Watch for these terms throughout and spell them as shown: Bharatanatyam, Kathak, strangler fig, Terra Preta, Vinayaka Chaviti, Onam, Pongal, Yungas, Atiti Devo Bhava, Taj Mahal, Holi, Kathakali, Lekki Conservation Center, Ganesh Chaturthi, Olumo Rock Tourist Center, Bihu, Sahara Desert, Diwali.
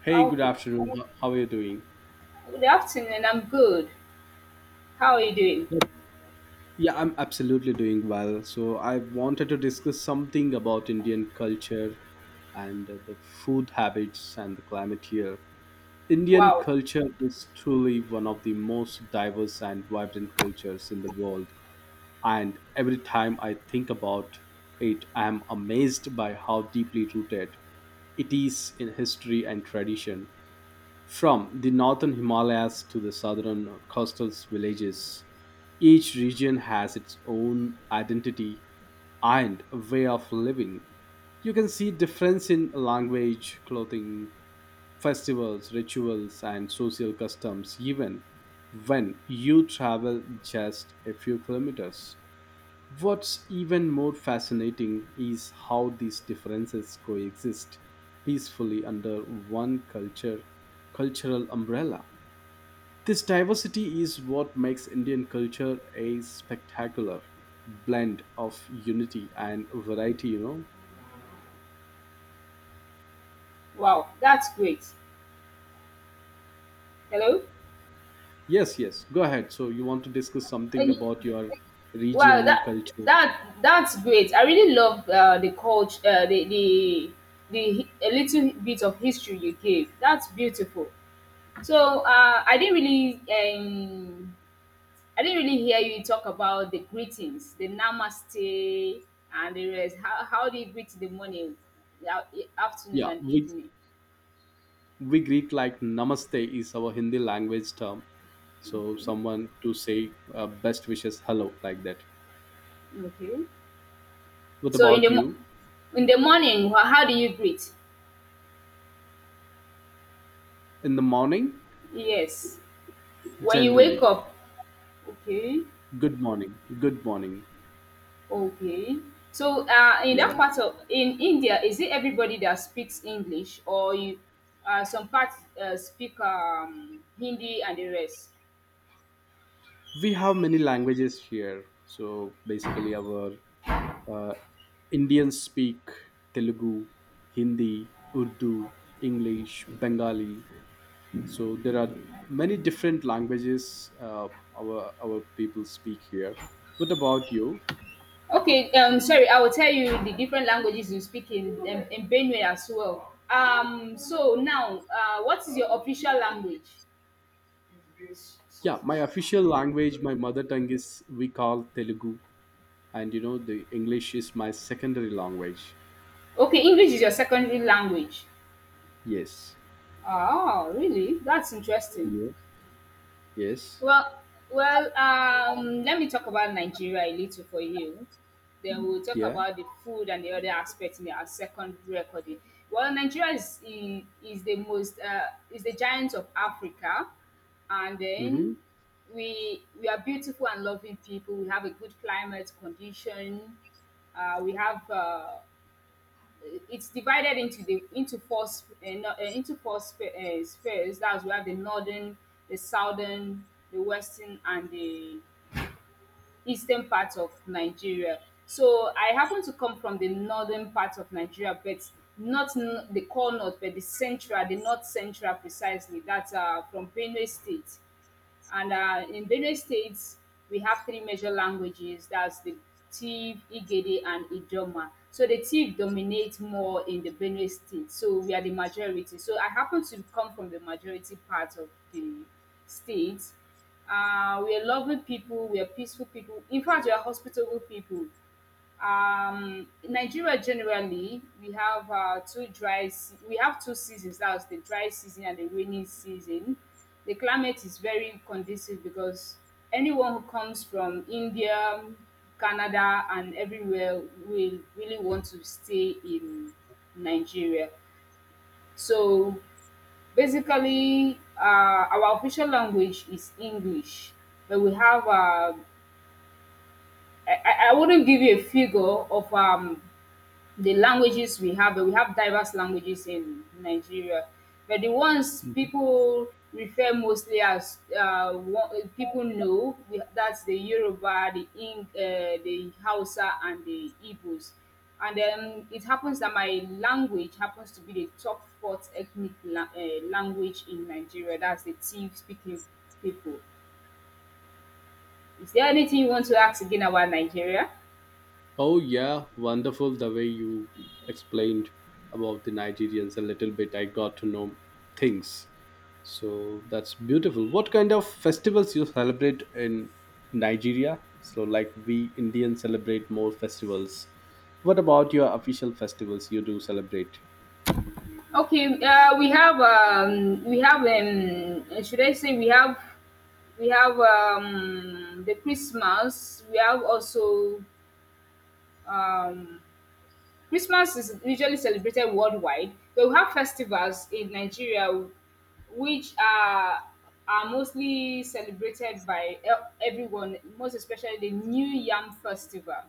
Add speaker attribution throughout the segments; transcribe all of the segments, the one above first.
Speaker 1: Hey,
Speaker 2: Ah,
Speaker 1: good
Speaker 2: okay.
Speaker 1: afternoon. How are you doing?
Speaker 2: Good afternoon. I'm good. How are you doing?
Speaker 1: Yep. Yeah, I'm absolutely doing well. So, I wanted to discuss something about Indian culture and the food habits and the climate here. Indian
Speaker 2: Wow.
Speaker 1: culture is truly one of the most diverse and vibrant cultures in the world. And every time I think about it, I am amazed by how deeply rooted it is in history and tradition. From the northern Himalayas to the southern coastal villages, each region has its own identity and a way of living. You can see difference in language, clothing, festivals, rituals, and social customs even when you travel just a few kilometers. What's even more fascinating is how these differences coexist peacefully under one culture cultural umbrella. This diversity is what makes Indian culture a spectacular blend of unity and variety.
Speaker 2: Wow. That's great. Hello.
Speaker 1: Yes, yes, go ahead. So you want to discuss something
Speaker 2: And
Speaker 1: about your
Speaker 2: wow.
Speaker 1: region,
Speaker 2: That
Speaker 1: culture.
Speaker 2: that that's great. I really love the culture, a little bit of history you gave. That's beautiful. So I didn't really hear you talk about the greetings, the namaste, and the rest. How do you greet in the morning, the afternoon,
Speaker 1: Yeah,
Speaker 2: and
Speaker 1: we
Speaker 2: evening?
Speaker 1: we greet like namaste is our Hindi language term. So
Speaker 2: Okay.
Speaker 1: someone to say best wishes, hello, like that.
Speaker 2: Okay.
Speaker 1: What
Speaker 2: So
Speaker 1: about you?
Speaker 2: in the morning, how do you greet?
Speaker 1: In the morning,
Speaker 2: Yes. When you wake
Speaker 1: generally,
Speaker 2: up, okay,
Speaker 1: good morning, good morning.
Speaker 2: okay. So in
Speaker 1: Yeah.
Speaker 2: that part of in India, is it everybody that speaks English or you some parts speak Hindi and the rest?
Speaker 1: We have many languages here, so basically our uh, Indians speak Telugu, Hindi, Urdu, English, Bengali. So there are many different languages uh, our our people speak here. What about you?
Speaker 2: Okay, sorry, I will tell you the different languages you speak in Benue as well. So now, what is your official language?
Speaker 1: Yeah, my official language, my mother tongue is, we call Telugu, and you know, the English is my secondary language.
Speaker 2: Okay, English is your secondary language.
Speaker 1: Yes.
Speaker 2: Oh, really? That's interesting.
Speaker 1: Yes. Yes.
Speaker 2: Well, well, let me talk about Nigeria a little for you. Then we'll talk
Speaker 1: Yeah.
Speaker 2: about the food and the other aspects in our second recording. Well, Nigeria is I- is the most is the giant of Africa, and
Speaker 1: Mm-hmm.
Speaker 2: then we are beautiful and loving people. We have a good climate condition. We have It's divided into four sp- no- into four spheres. That's where the northern, the southern, the western, and the eastern part of Nigeria. So I happen to come from the northern part of Nigeria, but not the core north, but the central, the north central precisely. That's from Benue State. And in Benue State, we have three major languages. That's the Tiv, Igede, and Idoma. So the Tiv dominate more in the Benue State. So we are the majority. So I happen to come from the majority part of the state. We are loving people. We are peaceful people. In fact, we are hospitable people in Nigeria. Generally, we have two seasons. That's the dry season and the rainy season. The climate is very conducive because anyone who comes from India, Canada, and everywhere will really want to stay in Nigeria. So basically, our official language is English, but we have I wouldn't give you a figure of the languages we have diverse languages in Nigeria, but the ones people refer mostly as one, people know that's the Yoruba, the Hausa, and the Igbos. And then it happens that my language happens to be the top fourth ethnic language in Nigeria. That's the Tiv speaking people. Is there anything you want to ask again about Nigeria?
Speaker 1: Oh yeah, wonderful the way you explained about the Nigerians a little bit. I got to know things. So that's beautiful. What kind of festivals you celebrate in Nigeria? So, like we Indians celebrate more festivals. What about your official festivals you do celebrate?
Speaker 2: Okay, we have should I say we have the Christmas. We have also um, Christmas is usually celebrated worldwide, but we have festivals in Nigeria which are mostly celebrated by everyone, most especially the New Yam Festival.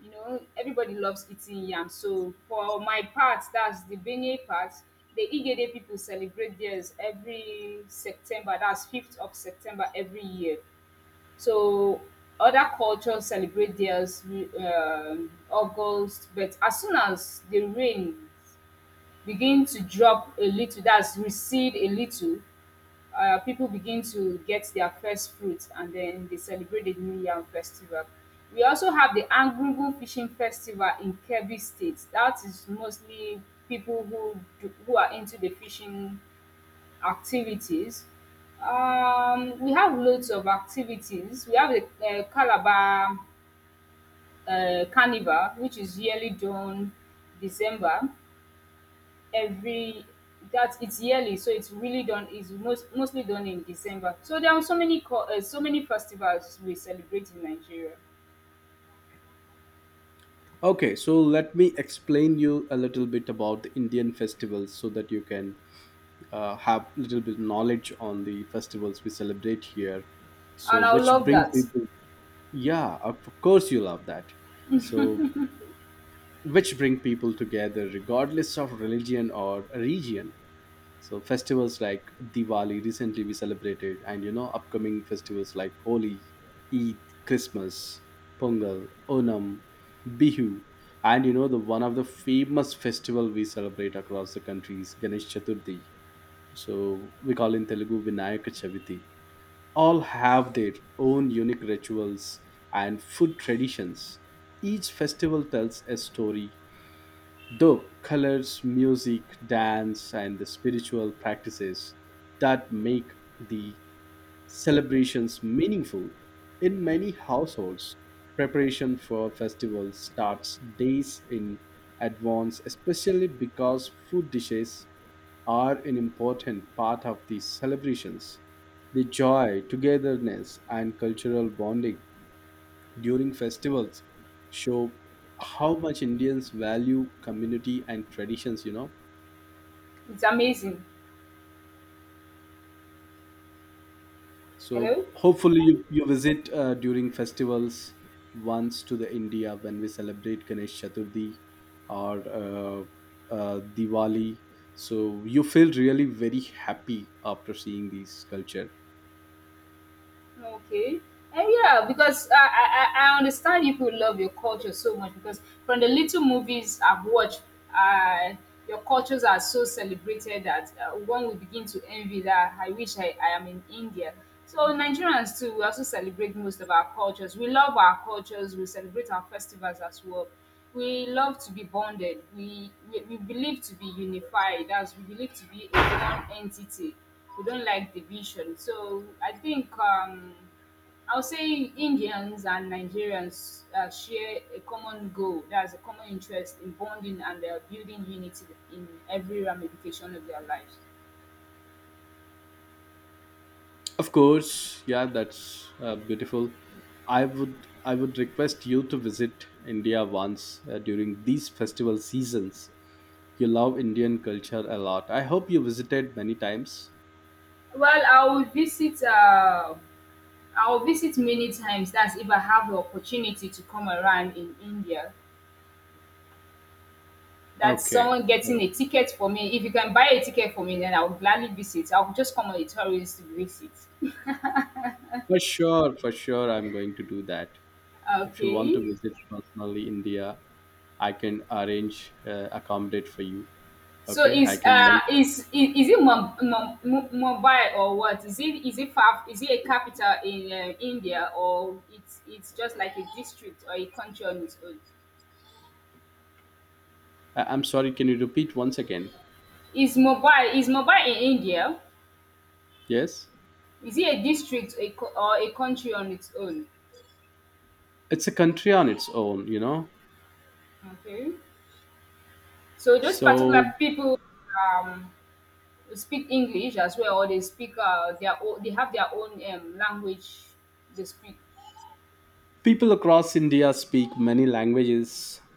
Speaker 2: You know, everybody loves eating yam. So for my part, that's the Benue part. The Igede people celebrate theirs every September. That's 5th of September every year. So other cultures celebrate theirs August, but as soon as the rain begin to drop a little, that's recede a little, people begin to get their first fruits, and then they celebrate the new yam festival. We also have the Argungu fishing festival in Kebbi State. That is mostly people who are into the fishing activities. We have loads of activities. We have a Calabar Carnival, which is yearly done December every that it's yearly, so it's really done It's mostly done in December. So there are so many festivals we celebrate in Nigeria,
Speaker 1: Okay, so let me explain you a little bit about the Indian festivals so that you can have a little bit knowledge on the festivals we celebrate here. So,
Speaker 2: and I
Speaker 1: which
Speaker 2: love
Speaker 1: brings me
Speaker 2: that.
Speaker 1: to... Yeah, of course you love that. So, which bring people together regardless of religion or region. So, festivals like Diwali recently we celebrated, and you know, upcoming festivals like Holi, Eid, Christmas, Pongal, Onam, Bihu, and you know, the one of the famous festival we celebrate across the country is Ganesh Chaturthi. So, we call in Telugu Vinayaka Chaviti, all have their own unique rituals and food traditions. Each festival tells a story, though colors, music, dance, and the spiritual practices that make the celebrations meaningful. In many households, preparation for festivals starts days in advance, especially because food dishes are an important part of these celebrations. The joy, togetherness, and cultural bonding during festivals show how much Indians value community and traditions.
Speaker 2: It's amazing.
Speaker 1: So
Speaker 2: Hello.
Speaker 1: hopefully you, you visit during festivals once to the India when we celebrate Ganesh Chaturthi or Diwali. So you feel really very happy after seeing these culture.
Speaker 2: Okay. And yeah, because I understand you could love your culture so much because from the little movies I've watched, uh, your cultures are so celebrated that one will begin to envy that I wish I am in India. So Nigerians too, we also celebrate most of our cultures. We love our cultures. We celebrate our festivals as well. We love to be bonded. We believe to be unified. As we believe to be a one entity, we don't like division. So I think I'll say Indians and Nigerians share a common goal. That's a common interest in bonding and building unity in every ramification of their lives.
Speaker 1: Of course, yeah, that's beautiful. I would request you to visit India once during these festival seasons. You love Indian culture a lot. I hope you visited many times.
Speaker 2: Well, I'll visit. I'll visit many times. That's if I have the opportunity to come around in India. That's
Speaker 1: Okay,
Speaker 2: someone getting
Speaker 1: so
Speaker 2: a ticket for me. If you can buy a ticket for me, then I'll gladly visit. I'll just come on a tourist visit.
Speaker 1: for sure, I'm going to do that. If you want to
Speaker 2: Okay.
Speaker 1: visit personally India, I can arrange accommodate for you.
Speaker 2: So
Speaker 1: Okay, I
Speaker 2: is
Speaker 1: can
Speaker 2: uh
Speaker 1: make.
Speaker 2: is is, is it Mumbai or what? Is it far? Is it a capital in India or it's just like a district or a country on its own?
Speaker 1: I'm sorry. Can you repeat once again?
Speaker 2: Is Mumbai in India?
Speaker 1: Yes,
Speaker 2: Is it a district or a country on its own?
Speaker 1: it's a country on its own. You know,
Speaker 2: Okay. So those particular
Speaker 1: so
Speaker 2: people um speak English as well, or they have their own language they speak.
Speaker 1: people across India speak many languages,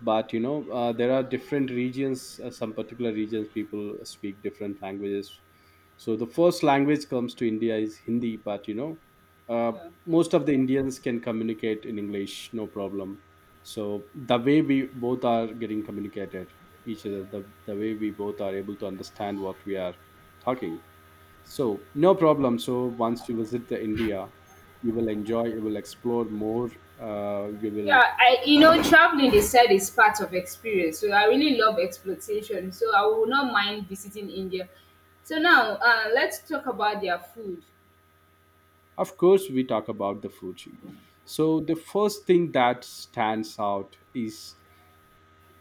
Speaker 1: but you know there are different regions. Some particular regions people speak different languages. So the first language comes to India is Hindi, but you know uh,
Speaker 2: Yeah.
Speaker 1: most of the Indians can communicate in English, no problem. So the way we both are getting communicated each other, the way we both are able to understand what we are talking, so no problem. So, once you visit the India, you will enjoy, you will explore more, you
Speaker 2: Yeah,
Speaker 1: will um,
Speaker 2: traveling they said is part of experience. So I really love exploitation. So I will not mind visiting India. So now, let's talk about their food.
Speaker 1: of course, we talk about the food. So the first thing that stands out is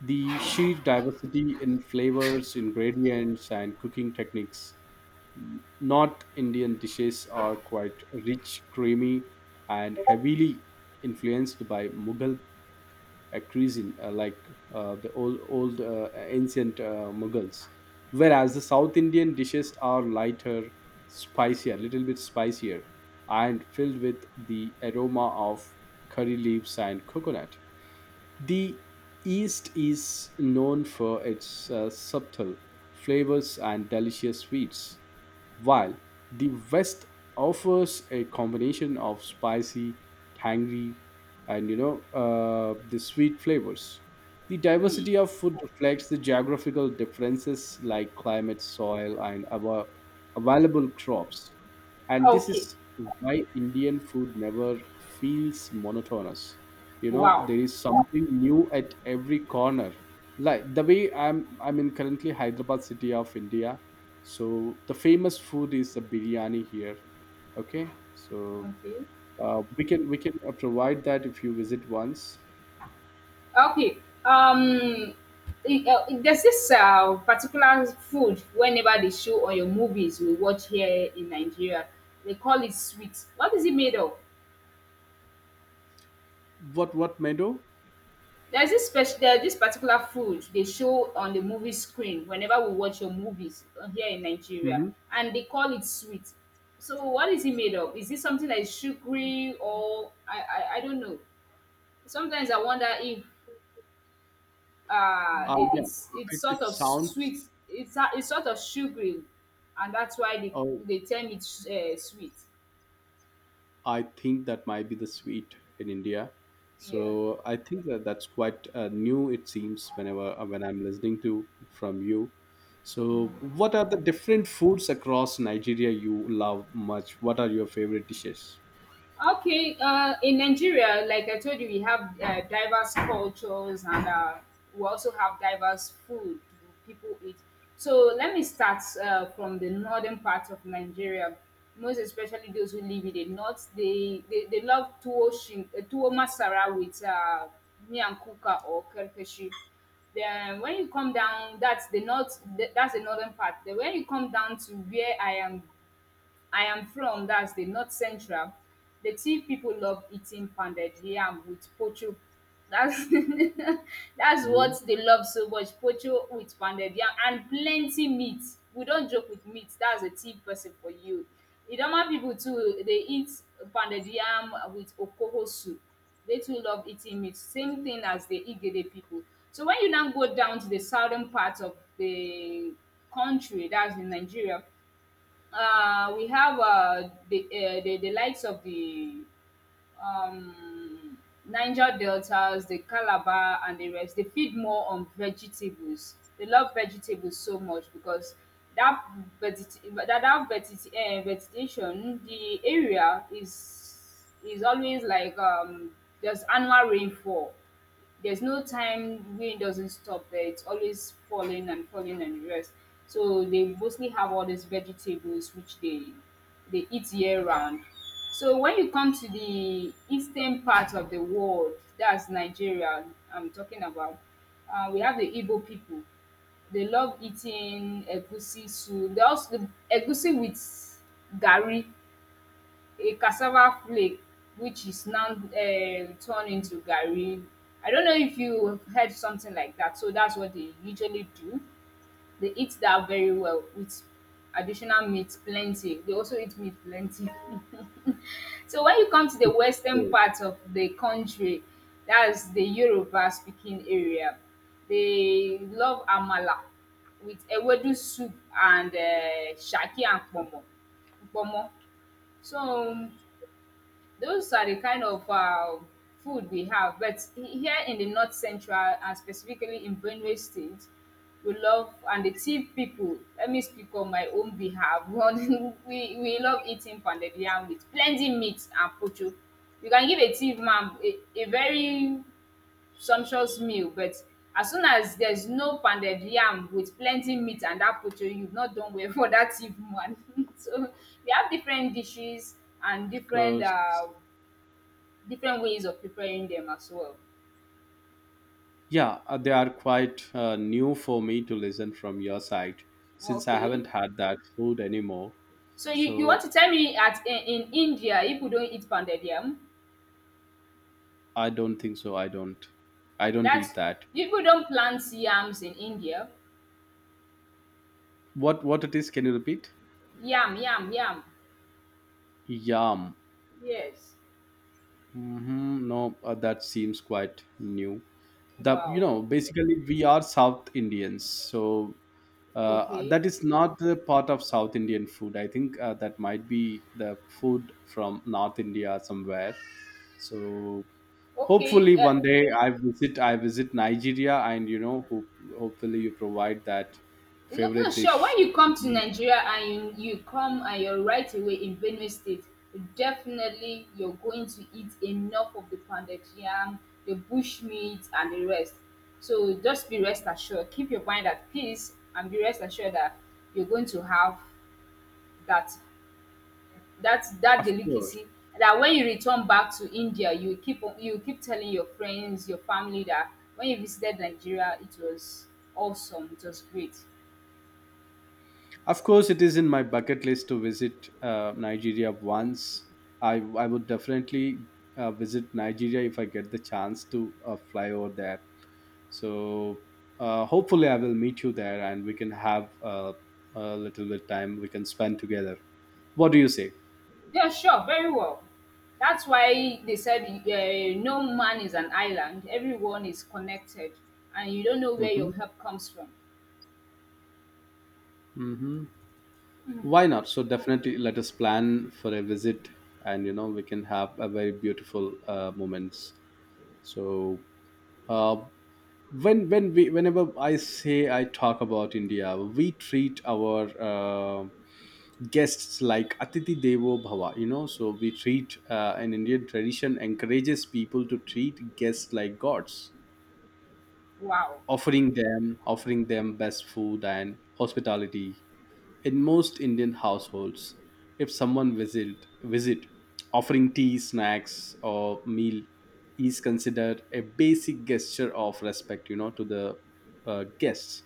Speaker 1: the sheer diversity in flavors, ingredients, and cooking techniques. North Indian dishes are quite rich, creamy, and heavily influenced by Mughal a cuisine like the old ancient Mughals, whereas the South Indian dishes are lighter, spicier, little bit spicier, and filled with the aroma of curry leaves and coconut. The East is known for its subtle flavors and delicious sweets, while the West offers a combination of spicy, tangy, and you know the sweet flavors. The
Speaker 2: Hmm.
Speaker 1: diversity of food reflects the geographical differences like climate, soil, and our available crops. And this
Speaker 2: Okay.
Speaker 1: is why Indian food never feels monotonous. You know,
Speaker 2: Wow.
Speaker 1: there is something new at every corner. Like the way I'm in currently Hyderabad city of India, so the famous food is a biryani here, okay. So
Speaker 2: Okay.
Speaker 1: we can provide that if you visit once.
Speaker 2: Okay. Um. There's this particular food whenever they show on your movies we watch here in Nigeria. They call it sweet. What is it made of?
Speaker 1: What meadow.
Speaker 2: There's this particular food they show on the movie screen whenever we watch your movies here in Nigeria,
Speaker 1: Mm-hmm.
Speaker 2: and they call it sweet. So what is it made of? Is it something that is sugary or I don't know. Sometimes I wonder if uh it,
Speaker 1: Yeah,
Speaker 2: it's it's
Speaker 1: it,
Speaker 2: sort
Speaker 1: it
Speaker 2: of sweet.
Speaker 1: sounds...
Speaker 2: It's sort of sugary, and that's why they
Speaker 1: Oh,
Speaker 2: they term it sweet.
Speaker 1: I think that might be the sweet in India. So
Speaker 2: Yeah.
Speaker 1: I think that's quite new, it seems, whenever when I'm listening to from you. So what are the different foods across Nigeria you love much? What are your favorite dishes?
Speaker 2: Okay, in Nigeria, like I told you, we have diverse cultures and we also have diverse food people eat. So let me start from the northern part of Nigeria, most especially those who live in the north. They love tuwo, shin, tuwo masara with miyan kuka or kerkeshi. Then when you come down, that's the north. That's the northern part. Then when you come down to where I am from, that's the north central. The Tiv people love eating pounded yam with pocho. That's That's
Speaker 1: Mhm.
Speaker 2: what they love so much, pocho with pounded yam and plenty meat. We don't joke with meat, that's a Tiv person for you. Idoma people too, they eat pounded yam with okoho soup. They too love eating meat, same thing as the Igede people. So when you now go down to the southern part of the country, that's in Nigeria, we have the likes of the um, Niger deltas, the Calabar, and the rest. They feed more on vegetables. They love vegetables so much because that veget- that, that veget- vegetation, the area is always like there's annual rainfall. There's no time rain doesn't stop there. It's always falling and falling and the rest. So they mostly have all these vegetables which they eat year round. So when you come to the eastern part of the world, that's Nigeria I'm talking about, we have the Igbo people. They love eating egusi soup. They also the egusi with gari, a cassava flake which is now turned into garri. I don't know if you have heard something like that. So that's what they usually do. They eat that very well with additional meat plenty. They also eat meat plenty. So when you come to the western part of the country, that's the Yoruba speaking area, they love amala with ewedu soup and saki and ponmo. Ponmo. So those are the kind of food we have. But here in the North Central, and specifically in Benue State, we love and the Tiv people. Let me speak on my own behalf. One, we love eating pounded yam with plenty meat and pocho. You can give a Tiv man a very sumptuous meal, but as soon as there's no pounded yam with plenty meat and that pocho, you've not done well for that Tiv man. So we have different dishes and
Speaker 1: Because,
Speaker 2: different ways of preparing them as well.
Speaker 1: yeah, they are quite new for me to listen from your side, since I
Speaker 2: Okay.
Speaker 1: haven't had that food anymore.
Speaker 2: So you want
Speaker 1: So
Speaker 2: to tell me in India people don't eat pounded yam?
Speaker 1: I don't think so. I don't. I don't eat
Speaker 2: That's
Speaker 1: that.
Speaker 2: people don't plant yams in India.
Speaker 1: What it is? Can you repeat?
Speaker 2: Yam, yam, yam.
Speaker 1: Yum.
Speaker 2: Yes.
Speaker 1: Hmm. No, that seems quite new. The, you
Speaker 2: Wow.
Speaker 1: know, basically we are South Indians, so
Speaker 2: Okay.
Speaker 1: that is not the part of South Indian food. I think that might be the food from North India somewhere. So
Speaker 2: Okay.
Speaker 1: hopefully one day I visit Nigeria, and you know, hopefully you provide that
Speaker 2: No, no,
Speaker 1: favorite
Speaker 2: sure.
Speaker 1: dish.
Speaker 2: When you come to Nigeria and you come and you're right away in Benue State, definitely you're going to eat enough of the pounded yam, the bush meat, and the rest. So just be rest assured, keep your mind at peace, and be rest assured that you're going to have that that
Speaker 1: Of course,
Speaker 2: delicacy. That when you return back to India, you you keep telling your friends, your family that when you visited Nigeria, it was awesome, it was great.
Speaker 1: of course, it is in my bucket list to visit Nigeria once. I would definitely visit Nigeria if I get the chance to fly over there. So hopefully I will meet you there, and we can have a little bit time we can spend together. What do you say?
Speaker 2: Yeah, sure, very well. That's why they said no man is an island. Everyone is connected, and you don't know where
Speaker 1: Hmm.
Speaker 2: your help comes from.
Speaker 1: Hmm. Why not? So definitely, let us plan for a visit, and you know we can have a very beautiful moments. So uh, whenever I say I talk about India, we treat our guests like Atiti Devo Bhava. You know, so we treat an Indian tradition encourages people to treat guests like gods,
Speaker 2: Wow,
Speaker 1: offering them best food and hospitality. In most Indian households, if someone visit, offering tea, snacks, or meal is considered a basic gesture of respect, you know, to the guests.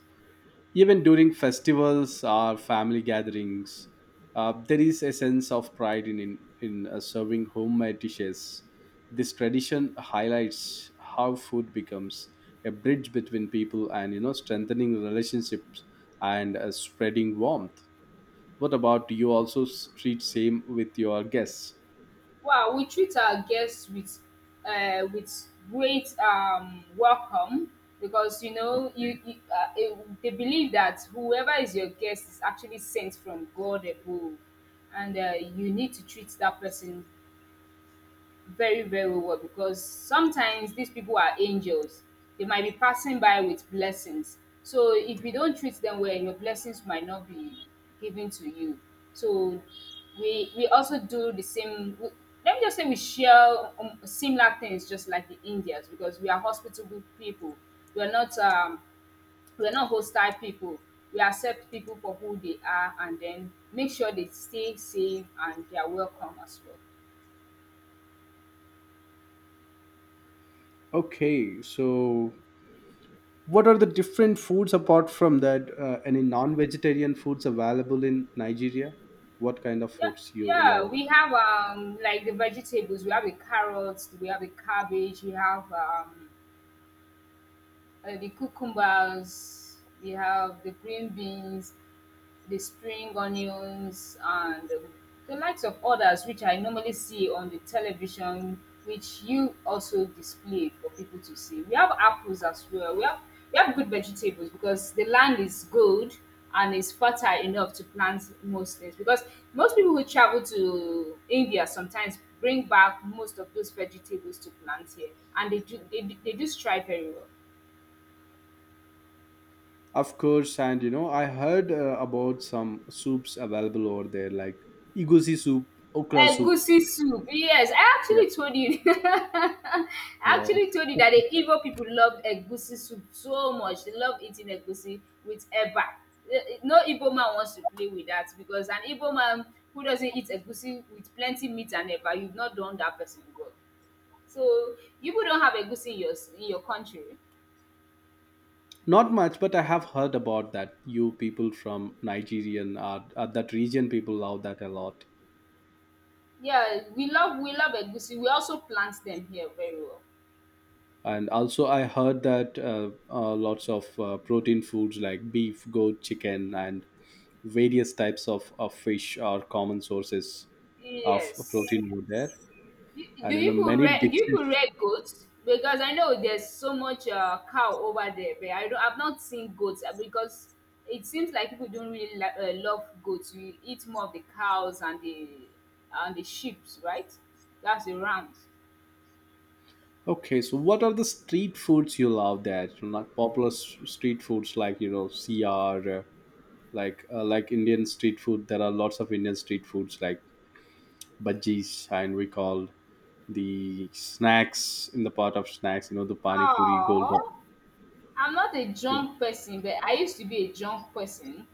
Speaker 1: Even during festivals or family gatherings, there is a sense of pride in serving homemade dishes. This tradition highlights how food becomes a bridge between people, and you know, strengthening relationships and spreading warmth. What about, do you also s- treat same with your guests?
Speaker 2: wow. We treat our guests with with great welcome because you know you they believe that whoever is your guest is actually sent from God above, and you need to treat that person very very well because sometimes these people are angels. They might be passing by with blessings, so if you don't treat them well, your blessings might not be given to you. So we also do the same. We, let me just say we share similar things just like the indians because we are hospitable people. We are not we are not hostile people. We accept people for who they are and then make sure they stay safe and they are welcome as well.
Speaker 1: Okay, so what are the different foods apart from that? Any non-vegetarian foods available in Nigeria? What kind of
Speaker 2: Yeah,
Speaker 1: foods you
Speaker 2: yeah,
Speaker 1: love?
Speaker 2: we have like the vegetables. We have a carrot. We have a cabbage, we have the cucumbers, we have the green beans, the spring onions, and the likes of others which I normally see on the television, which you also display for people to see. We have apples as well. We have good vegetables because the land is good and is fertile enough to plant most things. Because most people who travel to India sometimes bring back most of those vegetables to plant here, and they do strive very well.
Speaker 1: Of course, and you know, I heard about some soups available over there, like egusi soup, okra soup.
Speaker 2: Egusi soup. Yes, I
Speaker 1: Yeah,
Speaker 2: actually told you. I
Speaker 1: yeah.
Speaker 2: actually told you that the Igbo people love egusi soup so much. They love eating egusi with eba. No Igbo man wants to play with that because an Igbo man who doesn't eat egusi with plenty meat and eba, you've not done that person well. So you people don't have egusi in your in your country.
Speaker 1: Not much, but I have heard about that. You people from Nigerian, are that region, people love that a lot.
Speaker 2: Yeah, we love egusi. We also plant them here very well.
Speaker 1: And also I heard that lots of protein foods like beef, goat, chicken, and various types of fish are common sources of
Speaker 2: Yes.
Speaker 1: protein over there,
Speaker 2: Do
Speaker 1: and you know,
Speaker 2: you put
Speaker 1: many
Speaker 2: red? Do you put
Speaker 1: dishes.
Speaker 2: red goats? Because I know there's so much cow over there, but I don't. I've not seen goats because it seems like people don't really love goats. We eat more of the cows and the sheep's, right? That's the rams.
Speaker 1: Okay, so what are the street foods you love there? You know, not popular s- street foods like you know cr like Indian street food. There are lots of Indian street foods like bhajis, and we call, the snacks in the part of snacks, you know, the pani puri,
Speaker 2: Oh,
Speaker 1: golgappa.
Speaker 2: I'm not a junk person, but I used to be a junk person.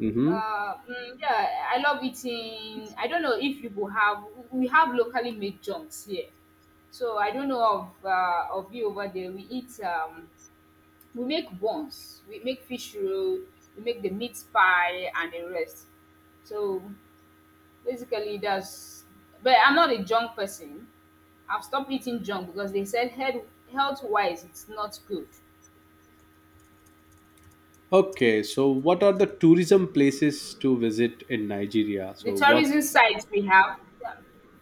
Speaker 1: Mm-hmm.
Speaker 2: Yeah, I love eating. I don't know if you will have we have locally made junks here, so I don't know of of you over there. We eat we make buns, we make fish roll, we make the meat pie and the rest. So basically, that's. But I'm not a junk person. I've stopped eating junk because they said health wise it's not good.
Speaker 1: Okay, so what are the tourism places to visit in Nigeria?
Speaker 2: The
Speaker 1: So what?
Speaker 2: tourism sites we have. Yeah,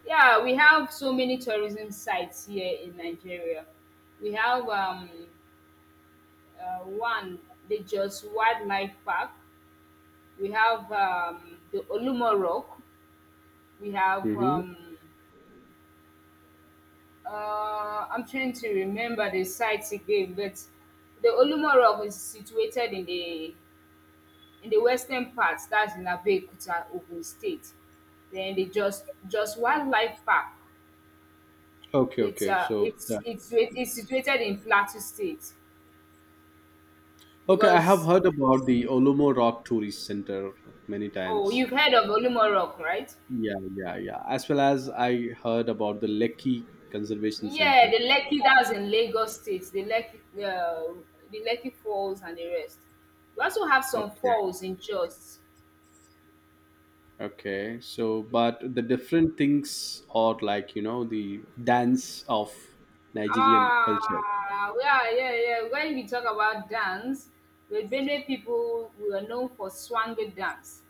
Speaker 2: yeah, we have so many tourism sites here in Nigeria. We have one, the Jos Wildlife Park. We have the Olumo Rock. We have,
Speaker 1: Hmm.
Speaker 2: I'm trying to remember the sites again, but the Olumo Rock is situated in the western part, that's in Abeokuta, Ogun State. Then the just Wildlife Park.
Speaker 1: Okay,
Speaker 2: It's
Speaker 1: okay. So yeah.
Speaker 2: it's situated in Plateau State
Speaker 1: Okay, I have
Speaker 2: because
Speaker 1: heard about the Olumo Rock Tourist Center many
Speaker 2: oh,
Speaker 1: times.
Speaker 2: you've heard of Olumorok, right?
Speaker 1: Yeah, yeah, yeah. As well as
Speaker 2: No.
Speaker 1: I heard about the Lekki Conservation
Speaker 2: Yeah,
Speaker 1: Center.
Speaker 2: the Lekki that was in Lagos State, the Lekki Falls and the rest. We also have some
Speaker 1: Okay,
Speaker 2: falls in Jos.
Speaker 1: okay. So, but the different things are like you know the dance of Nigerian culture.
Speaker 2: Ah, yeah, yeah, yeah. When we talk about dance, the Benue people we are known for swangy dance.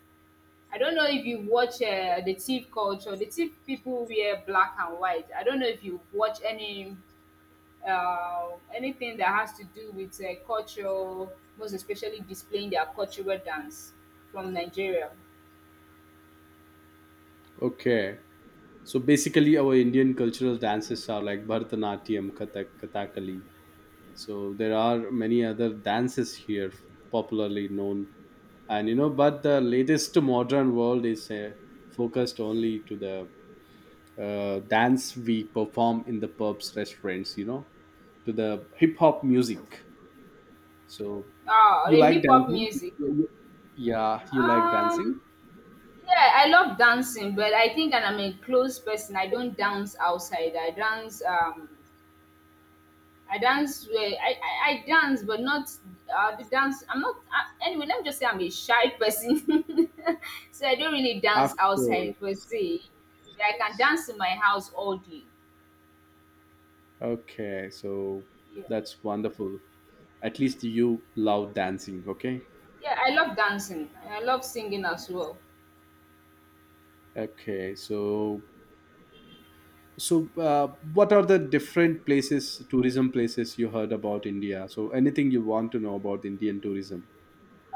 Speaker 2: I don't know if you watch the thief culture. The thief people wear black and white. I don't know if you watch any anything that has to do with culture, most especially displaying their cultural dance from Nigeria.
Speaker 1: Okay. So basically, our Indian cultural dances are like Bharatanatyam, Kathak, Kathakali. So there are many other dances here popularly known, and you know, but the latest modern world is focused only to the dance we perform in the pubs, restaurants. You know, to the hip hop music. So,
Speaker 2: Oh,
Speaker 1: you
Speaker 2: the
Speaker 1: like
Speaker 2: hip hop
Speaker 1: dancing?
Speaker 2: music.
Speaker 1: Yeah, you like
Speaker 2: Um,
Speaker 1: dancing.
Speaker 2: yeah, I love dancing, but I think that I'm a close person. I don't dance outside. I dance. I dance. Where I dance, but not the dance. I'm not. Anyway, let me just say I'm a shy person, so I don't really dance
Speaker 1: After,
Speaker 2: outside per se. But I can
Speaker 1: yes.
Speaker 2: dance in my house all day.
Speaker 1: Okay, so
Speaker 2: Yeah.
Speaker 1: that's wonderful. At least you love dancing, okay.
Speaker 2: Yeah, I love dancing. I love singing as well.
Speaker 1: Okay, so, so what are the different places, tourism places you heard about India, so anything you want to know about Indian tourism?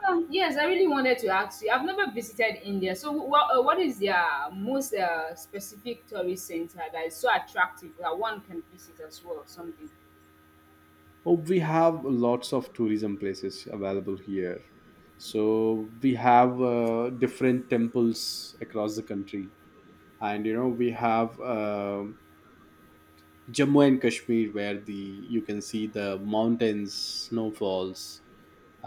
Speaker 2: Yes, I really wanted to ask you. I've never visited India, so what is their most specific tourist center that is so attractive that one can visit as well? Something.
Speaker 1: Oh, we have lots of tourism places available here. So we have different temples across the country, and you know, we have um, Jammu and Kashmir, where the you can see the mountains, snowfalls,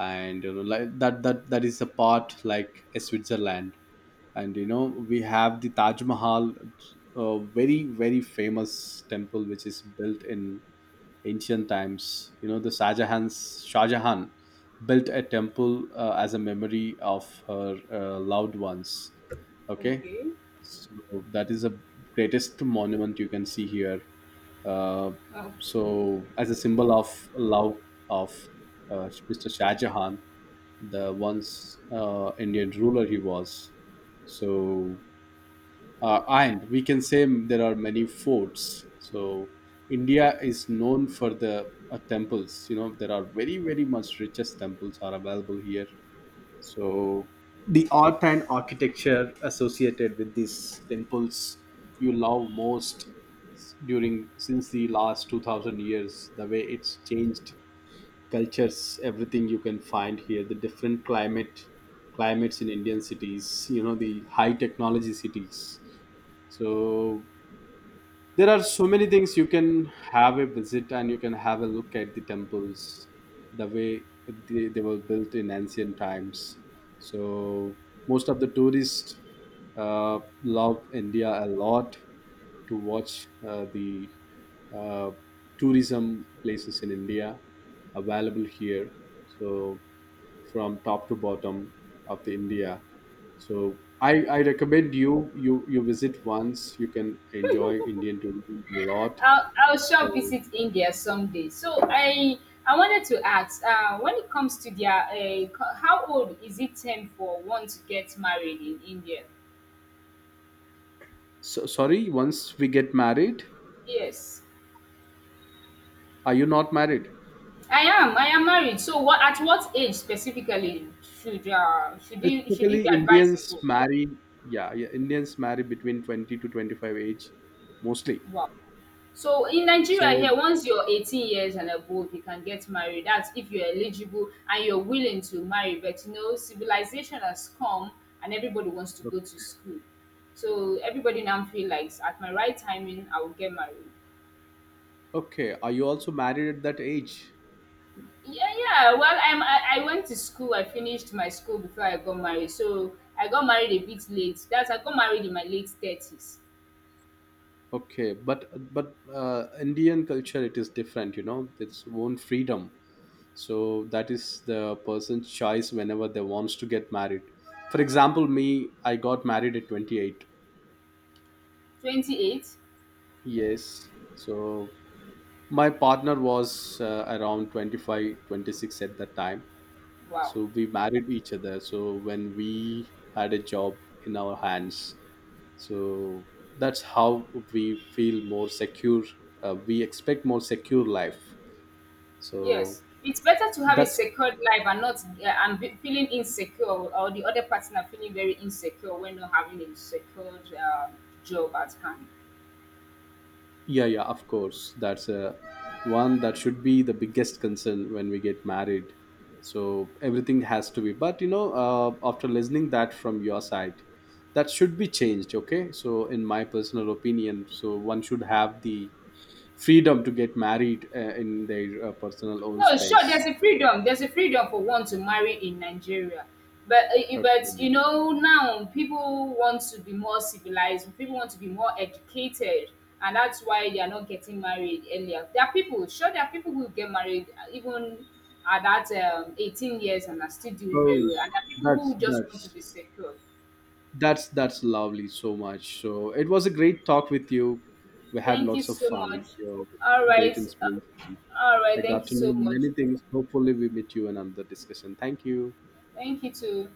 Speaker 1: and you know, like that is a part like a Switzerland. And you know, we have the Taj Mahal, a very, very famous temple, which is built in ancient times. You know, the Shahjahan built a temple as a memory of her loved ones. Okay.
Speaker 2: Okay.
Speaker 1: So that is the greatest monument you can see here. uh,
Speaker 2: Oh.
Speaker 1: so as a symbol of love of Mr. Shahjahan, the once Indian ruler he was. So, and we can say there are many forts. So, India is known for the temples. You know, there are very, very much richest temples are available here. So, the art and architecture associated with these temples you love most during since the last 2000 years, the way it's changed cultures, everything you can find here, the different climates in Indian cities, you know, the high technology cities. So there are so many things you can have a visit and you can have a look at the temples, the way they were built in ancient times. So most of the tourists love India a lot to watch the uh, tourism places in India available here. So, from top to bottom of the India. So I recommend you you visit once. You can enjoy Indian tourism a lot.
Speaker 2: I'll sure
Speaker 1: So,
Speaker 2: visit India someday. So I wanted to ask, when it comes to their, how old is it time for one to get married in India?
Speaker 1: so sorry, once we get married,
Speaker 2: Yes.
Speaker 1: are you not married?
Speaker 2: I am. I am married. So what at what age specifically should you
Speaker 1: Specifically,
Speaker 2: be
Speaker 1: Indians
Speaker 2: advisable?
Speaker 1: marry. Yeah, yeah, Indians marry between 20 to 25 age, mostly.
Speaker 2: Wow. So in Nigeria
Speaker 1: So,
Speaker 2: here, once you're 18 years and above, you can get married. That's if you're eligible and you're willing to marry. But you know, civilization has come and everybody wants to go to school. So everybody now feel like at my right timing, I will get married.
Speaker 1: okay, are you also married at that age?
Speaker 2: Yeah, yeah. Well, I went to school. I finished my school before I got married. So I got married a bit late. That's I got married in my late 30s.
Speaker 1: Okay, but Indian culture it is different. You know, it's own freedom. So that is the person's choice whenever they wants to get married. For example, me, I got married at 28.
Speaker 2: 28.
Speaker 1: Yes. So, my partner was around 25, 26 at that time.
Speaker 2: Wow.
Speaker 1: So we married each other so when we had a job in our hands. So that's how we feel more secure. We expect more secure life. So
Speaker 2: Yes. It's better to have a
Speaker 1: that's...
Speaker 2: secured life and not and be feeling insecure or the other partner feeling very insecure when not having a secured job at hand.
Speaker 1: Yeah, yeah, of course. That's a one that should be the biggest concern when we get married. So everything has to be. But you know, after listening that from your side, that should be changed. Okay. So in my personal opinion, so one should have the freedom to get married in their personal own
Speaker 2: No, sure.
Speaker 1: space.
Speaker 2: There's a freedom. There's a freedom for one to marry in Nigeria, but but
Speaker 1: Okay.
Speaker 2: you know now people want to be more civilized. People want to be more educated, and that's why they are not getting married earlier. There are people. Sure, there are people who get married even at that 18 years and are still doing very
Speaker 1: Oh,
Speaker 2: well. And there are people who
Speaker 1: that's
Speaker 2: just want to
Speaker 1: that's
Speaker 2: be secure.
Speaker 1: that's lovely so much. So it was a great talk with you. We had
Speaker 2: Thank you
Speaker 1: lots of
Speaker 2: so
Speaker 1: fun.
Speaker 2: much.
Speaker 1: You know,
Speaker 2: All
Speaker 1: great
Speaker 2: right.
Speaker 1: inspiration.
Speaker 2: All right.
Speaker 1: I
Speaker 2: Thank
Speaker 1: got
Speaker 2: you
Speaker 1: to know
Speaker 2: so much.
Speaker 1: many things. Hopefully, we meet you in another discussion. Thank you.
Speaker 2: Thank you too.